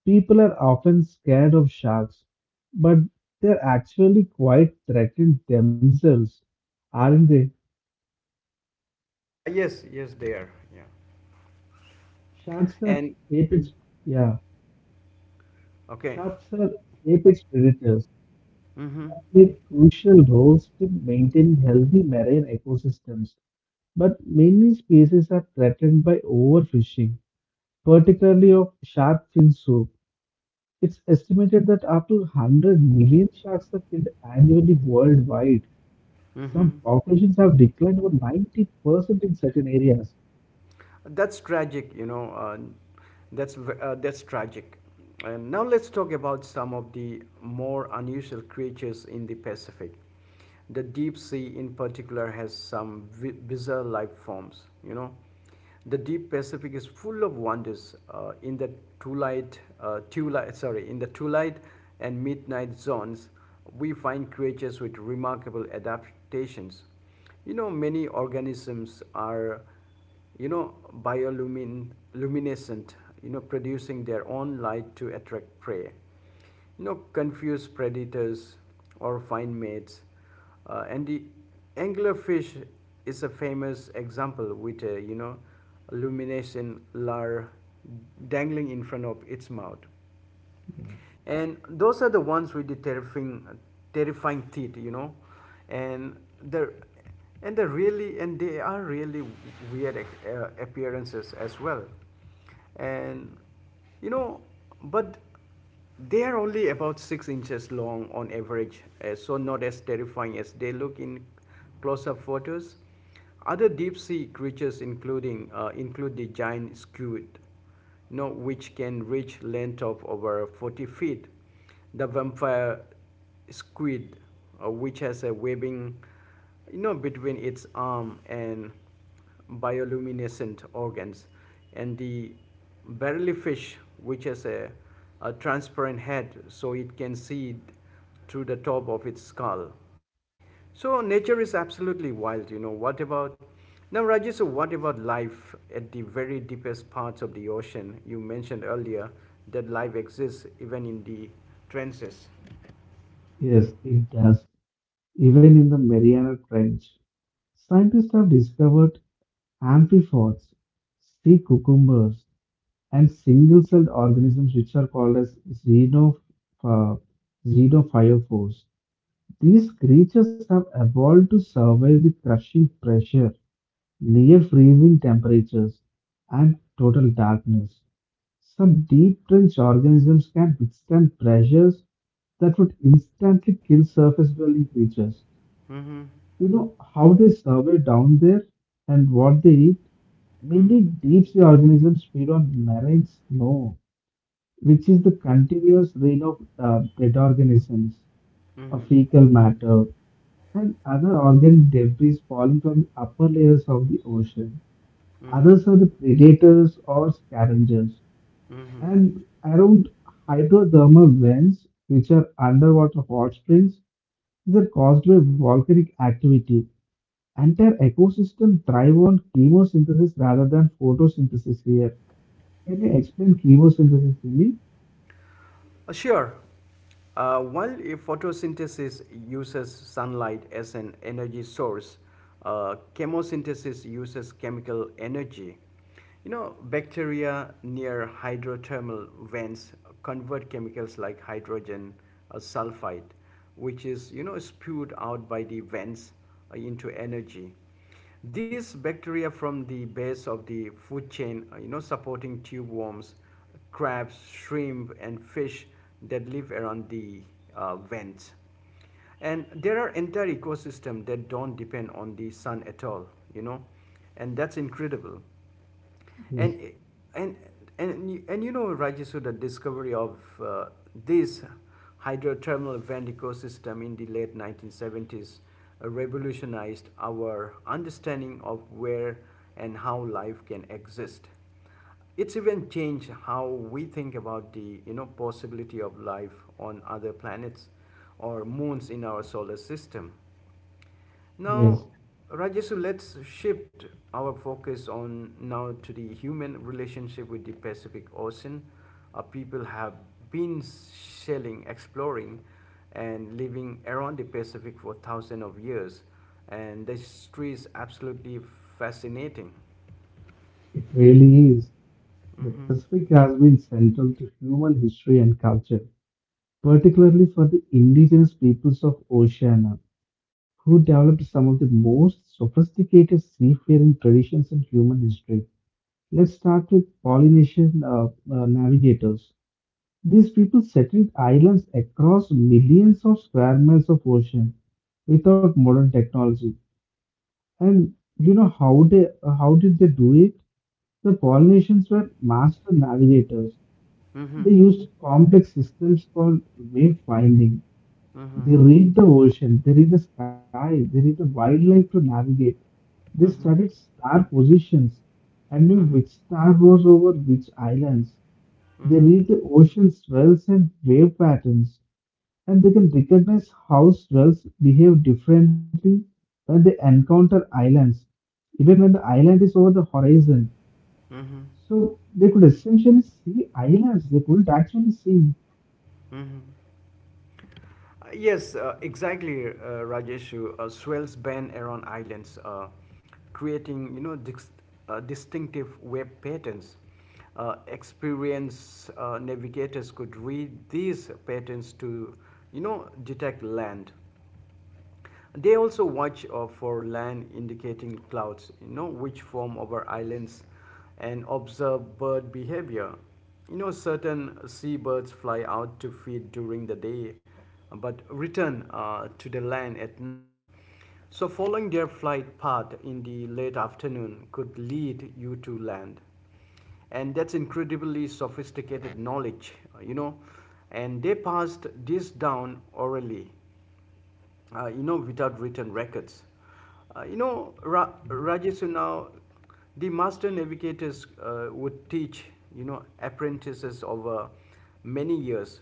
S2: People are often scared of sharks, but they're actually quite threatened themselves, aren't they?
S1: Ah, yes, yes, they are. Yeah.
S2: Sharks are
S1: And
S2: apex, yeah,
S1: okay.
S2: sharks are apex predators.
S1: Mm-hmm.
S2: They play crucial roles in maintaining healthy marine ecosystems, but many species are threatened by overfishing, particularly of shark fin soup. It's estimated that up to one hundred million sharks are killed annually worldwide. Some
S1: Hmm.
S2: Caucasians have declined over ninety percent in certain areas.
S1: That's tragic, you know. Uh, that's v- uh, that's tragic. And now let's talk about some of the more unusual creatures in the Pacific. The deep sea, in particular, has some vi- bizarre life forms. You know, the deep Pacific is full of wonders. Uh, in the twilight, uh, twilight, sorry, in the twilight and midnight zones, we find creatures with remarkable adaptations. You know, many organisms are you know, bioluminescent, you know, producing their own light to attract prey, you know, confuse predators, or find mates. Uh, and the anglerfish is a famous example with a, you know, luminescent lure dangling in front of its mouth, and those are the ones with the terrifying terrifying teeth you know and they're and they're really and they are really weird uh, appearances as well. And, you know but they are only about six inches long on average, uh, so not as terrifying as they look in close-up photos. Other deep-sea creatures including uh, include the giant squid, you know, which can reach length of over forty feet. The vampire squid, uh, which has a webbing, you know, between its arm and bioluminescent organs, and the barrelfish, which has a, a transparent head, so it can see through the top of its skull. So nature is absolutely wild, you know. What about now, Rajesh? So what about life at the very deepest parts of the ocean? You mentioned earlier that life exists even in the trenches.
S2: Yes, it does. Even in the Mariana Trench, scientists have discovered amphipods, sea cucumbers, and single-celled organisms which are called as xenoph- uh, xenophyophores. These creatures have evolved to survive the crushing pressure, near freezing temperatures, and total darkness. Some deep trench organisms can withstand pressures that would instantly kill surface dwelling creatures.
S1: Mm-hmm.
S2: You know how they survive down there and what they eat?
S1: Mm-hmm.
S2: Many deep sea organisms feed on marine snow, which is the continuous rain of uh, dead organisms, of
S1: Mm-hmm.
S2: fecal matter, and other organic debris falling from the upper layers of the ocean.
S1: Mm-hmm.
S2: Others are the predators or scavengers,
S1: Mm-hmm.
S2: and around hydrothermal vents, which are underwater hot springs, these are caused by volcanic activity. Entire ecosystem thrive on chemosynthesis rather than photosynthesis here. Can you explain chemosynthesis to me?
S1: Uh, Sure. Uh, while if photosynthesis uses sunlight as an energy source, uh, chemosynthesis uses chemical energy. You know, bacteria near hydrothermal vents convert chemicals like hydrogen uh, sulfide, which is you know spewed out by the vents uh, into energy. These bacteria from the base of the food chain, uh, you know, supporting tube worms, crabs, shrimp, and fish that live around the uh, vents. And there are entire ecosystems that don't depend on the sun at all, you know, and that's incredible. And
S2: Yes,
S1: and and and you know, Rajesh, the discovery of uh, this hydrothermal vent ecosystem in the late nineteen seventies revolutionized our understanding of where and how life can exist. It's even changed how we think about the you know possibility of life on other planets or moons in our solar system.
S2: yes,
S1: Now, Rajesu, let's shift our focus on now to the human relationship with the Pacific Ocean. Our people have been sailing, exploring, and living around the Pacific for thousands of years, and the history is absolutely fascinating.
S2: it really is. The Pacific has been central to human history and culture, particularly for the indigenous peoples of Oceania, who developed some of the most sophisticated seafaring traditions in human history. Let's start with Polynesian uh, uh, navigators. These people settled islands across millions of square miles of ocean without modern technology. And you know how they uh, how did they do it? The Polynesians were master navigators. They used complex systems called wave finding.
S1: Mm-hmm.
S2: They read the ocean, they read the sky, they read the wildlife to navigate. They
S1: Mm-hmm.
S2: studied star positions and knew
S1: Mm-hmm.
S2: which star was over which islands. They
S1: Mm-hmm.
S2: read the ocean swells and wave patterns, and they can recognize how swells behave differently when they encounter islands, even when the island is over the horizon.
S1: Mm-hmm.
S2: So they could essentially see islands they couldn't actually see.
S1: Mm-hmm. Uh, yes, uh, exactly, uh, Rajeshu. Uh, swells bend around islands, uh, creating you know dis- uh, distinctive web patterns. Uh, experienced uh, navigators could read these patterns to you know detect land. They also watch uh, for land indicating clouds, you know, which form over islands, and observe bird behavior. You know, certain seabirds fly out to feed during the day, but return uh, to the land at night. So, following their flight path in the late afternoon could lead you to land, and that's incredibly sophisticated knowledge uh, you know and they passed this down orally uh, you know, without written records. Uh, you know, Ra- Rajesh, now the master navigators uh, would teach, you know, apprentices over many years,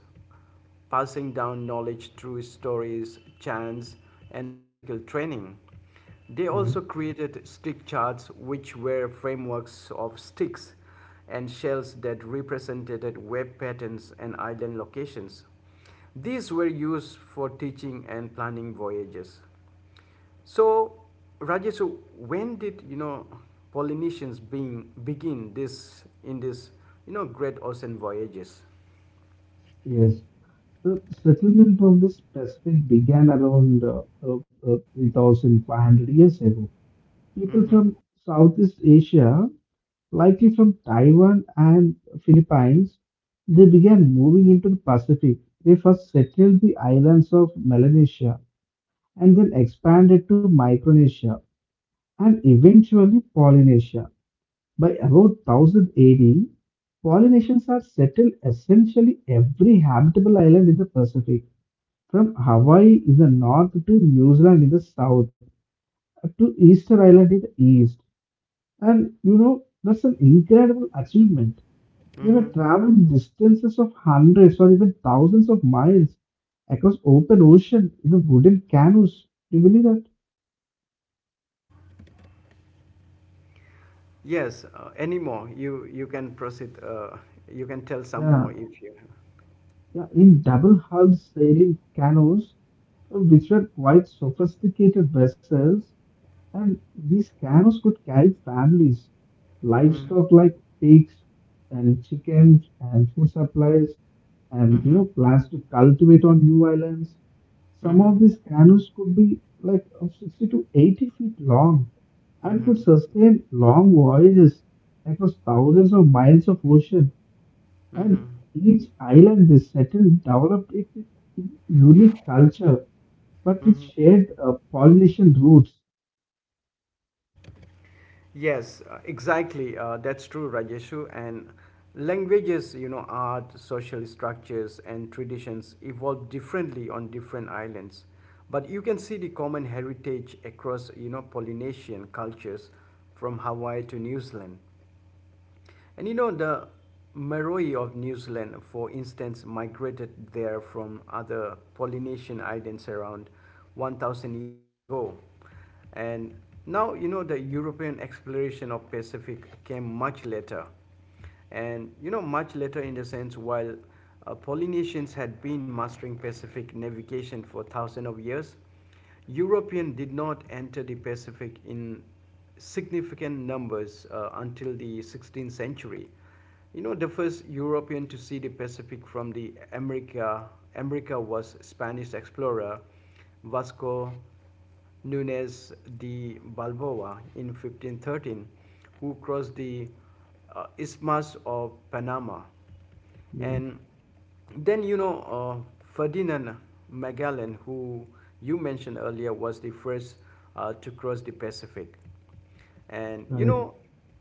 S1: passing down knowledge through stories, chants, and practical training. They
S2: Yeah.
S1: also created stick charts, which were frameworks of sticks and shells that represented web patterns and island locations. These were used for teaching and planning voyages. So, Rajesh, when did you know Polynesians being begin this in this you know great ocean voyages?
S2: Yes. The settlement of this Pacific began around uh, uh, uh, three thousand five hundred years ago. People
S1: Mm-hmm,
S2: from Southeast Asia, likely from Taiwan and Philippines, they began moving into the Pacific. They first settled the islands of Melanesia and then expanded to Micronesia and eventually Polynesia. By about one thousand A D, Polynesians had settled essentially every habitable island in the Pacific, from Hawaii in the north to New Zealand in the south to Easter Island in the east. And you know, that's an incredible achievement. They were
S1: mm-hmm.
S2: traveling distances of hundreds or even thousands of miles across open ocean in a wooden canoes. Do you believe that?
S1: Yes, uh, any more? You you can proceed. Uh, you can tell some more
S2: Yeah,
S1: if you.
S2: yeah, in double hulled sailing canoes, uh, which were quite sophisticated vessels. And these canoes could carry families, livestock like pigs and chickens and food supplies and you
S1: Mm-hmm,
S2: know plants to cultivate on new islands. Some
S1: mm-hmm,
S2: of these canoes could be like of sixty to eighty feet long and
S1: mm-hmm,
S2: could sustain long voyages across thousands of miles of ocean.
S1: mm-hmm,
S2: And each island they settled developed its unique culture, but with
S1: mm-hmm.
S2: shared uh, Polynesian roots.
S1: Yes, uh, exactly. Uh, that's true, Rajeshu. And languages, you know, art, social structures, and traditions evolve differently on different islands. But you can see the common heritage across, you know, Polynesian cultures from Hawaii to New Zealand. And you know, the Maori of New Zealand, for instance, migrated there from other Polynesian islands around one thousand years ago. And now, you know, the European exploration of Pacific came much later. And, you know, much later in the sense while uh, Polynesians had been mastering Pacific navigation for thousands of years, European did not enter the Pacific in significant numbers uh, until the sixteenth century. You know, the first European to see the Pacific from the America, America was Spanish explorer Vasco Nunez de Balboa in fifteen thirteen, who crossed the uh, Isthmus of Panama.
S2: Yeah.
S1: And then, you know, uh, Ferdinand Magellan, who you mentioned earlier, was the first uh, to cross the Pacific. And you
S2: Correct.
S1: know,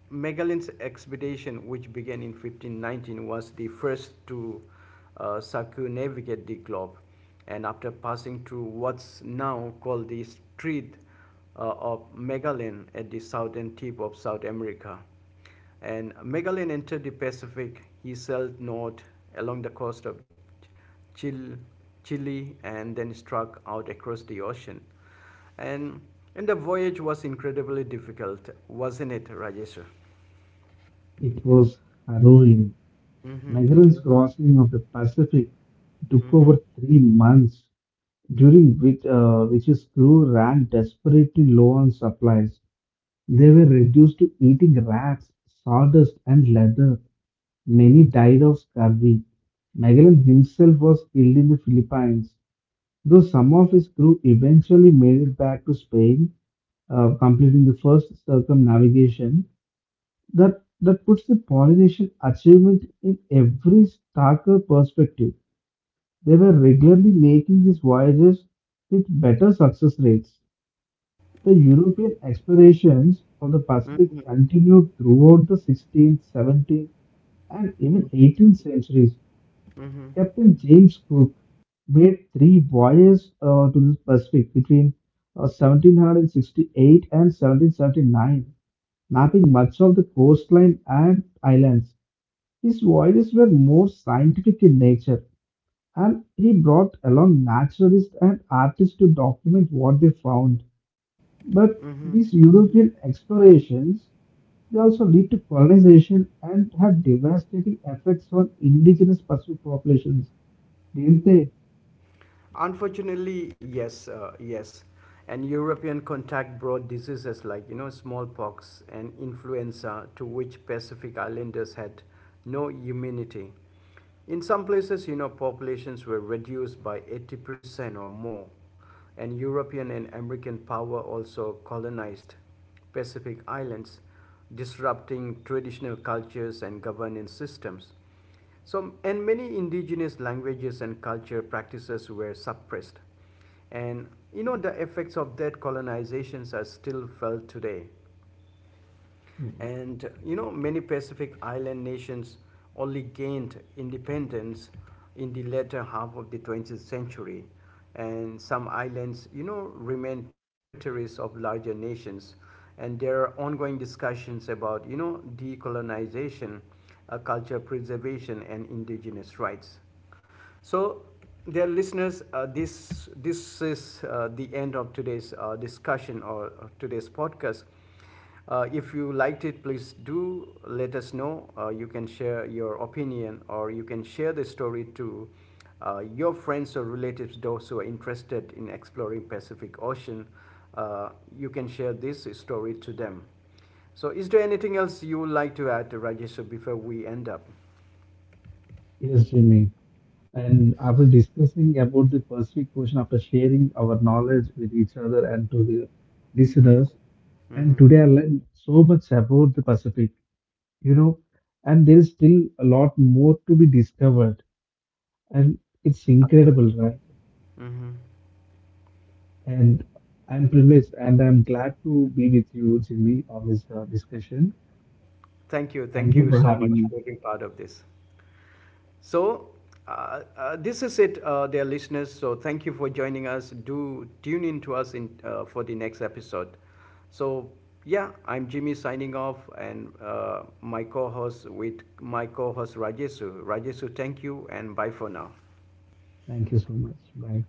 S1: Magellan's expedition, which began in fifteen nineteen, was the first to uh, circumnavigate the globe. And after passing through what's now called the Strait uh, of Magellan at the southern tip of South America, and Magellan entered the Pacific, he sailed north along the coast of Chil- Chile, and then struck out across the ocean. And, and the voyage was incredibly difficult, wasn't it, Rajesh?
S2: It was harrowing.
S1: Mm-hmm.
S2: Magellan's crossing of the Pacific took over
S1: Mm-hmm.
S2: three months, during which, uh, which his crew ran desperately low on supplies. They were reduced to eating rats, sawdust, and leather. Many died of scurvy. Magellan himself was killed in the Philippines, though some of his crew eventually made it back to Spain, uh, completing the first circumnavigation. that that puts the Polynesian achievement in every starker perspective. They were regularly making these voyages with better success rates. The European explorations of the Pacific
S1: Mm-hmm.
S2: continued throughout the sixteenth, seventeenth, and even eighteenth centuries.
S1: Mm-hmm.
S2: Captain James Cook made three voyages uh, to the Pacific between uh, seventeen sixty-eight and seventeen seventy-nine, mapping much of the coastline and islands. His voyages were more scientific in nature, and he brought along naturalists and artists to document what they found. But these European explorations they also lead to colonization and had devastating effects on indigenous Pacific populations, didn't they?
S1: Unfortunately, yes, uh, yes. And European contact brought diseases like, you know, smallpox and influenza, to which Pacific Islanders had no immunity. In some places, you know, populations were reduced by eighty percent or more, and European and American power also colonized Pacific Islands, disrupting traditional cultures and governance systems. So, and many indigenous languages and culture practices were suppressed. And you know, the effects of that colonizations are still felt today. And you know, many Pacific island nations only gained independence in the latter half of the twentieth century. And some islands, you know, remain territories of larger nations. And there are ongoing discussions about, you know, decolonization, uh, culture preservation, and indigenous rights. So, dear listeners, uh, this this is uh, the end of today's uh, discussion or or today's podcast. Uh, if you liked it, please do let us know. Uh, you can share your opinion, or you can share the story to uh, your friends or relatives, those who are interested in exploring Pacific Ocean. Uh, you can share this story to them. So, is there anything else you would like to add, Rajesh, before we end up?
S2: Yes, Jimmy. And after discussing about the Pacific Ocean, after sharing our knowledge with each other and to the listeners, and today I learned so much about the Pacific. You know, and there is still a lot more to be discovered, and it's incredible,
S1: Absolutely.
S2: right? And I'm privileged and I'm glad to be with you, Jimmy, on this uh, discussion.
S1: Thank you.
S2: Thank
S1: Thank
S2: you
S1: you
S2: for
S1: so
S2: having
S1: much
S2: me.
S1: for being part of this. So, uh, uh, this is it, uh, dear listeners. So, thank you for joining us. Do tune in to us in, uh, for the next episode. So, yeah, I'm Jimmy signing off, and uh, my co host with my co host Rajesu. Rajesu, thank you, and bye for now.
S2: Thank you so much. Bye.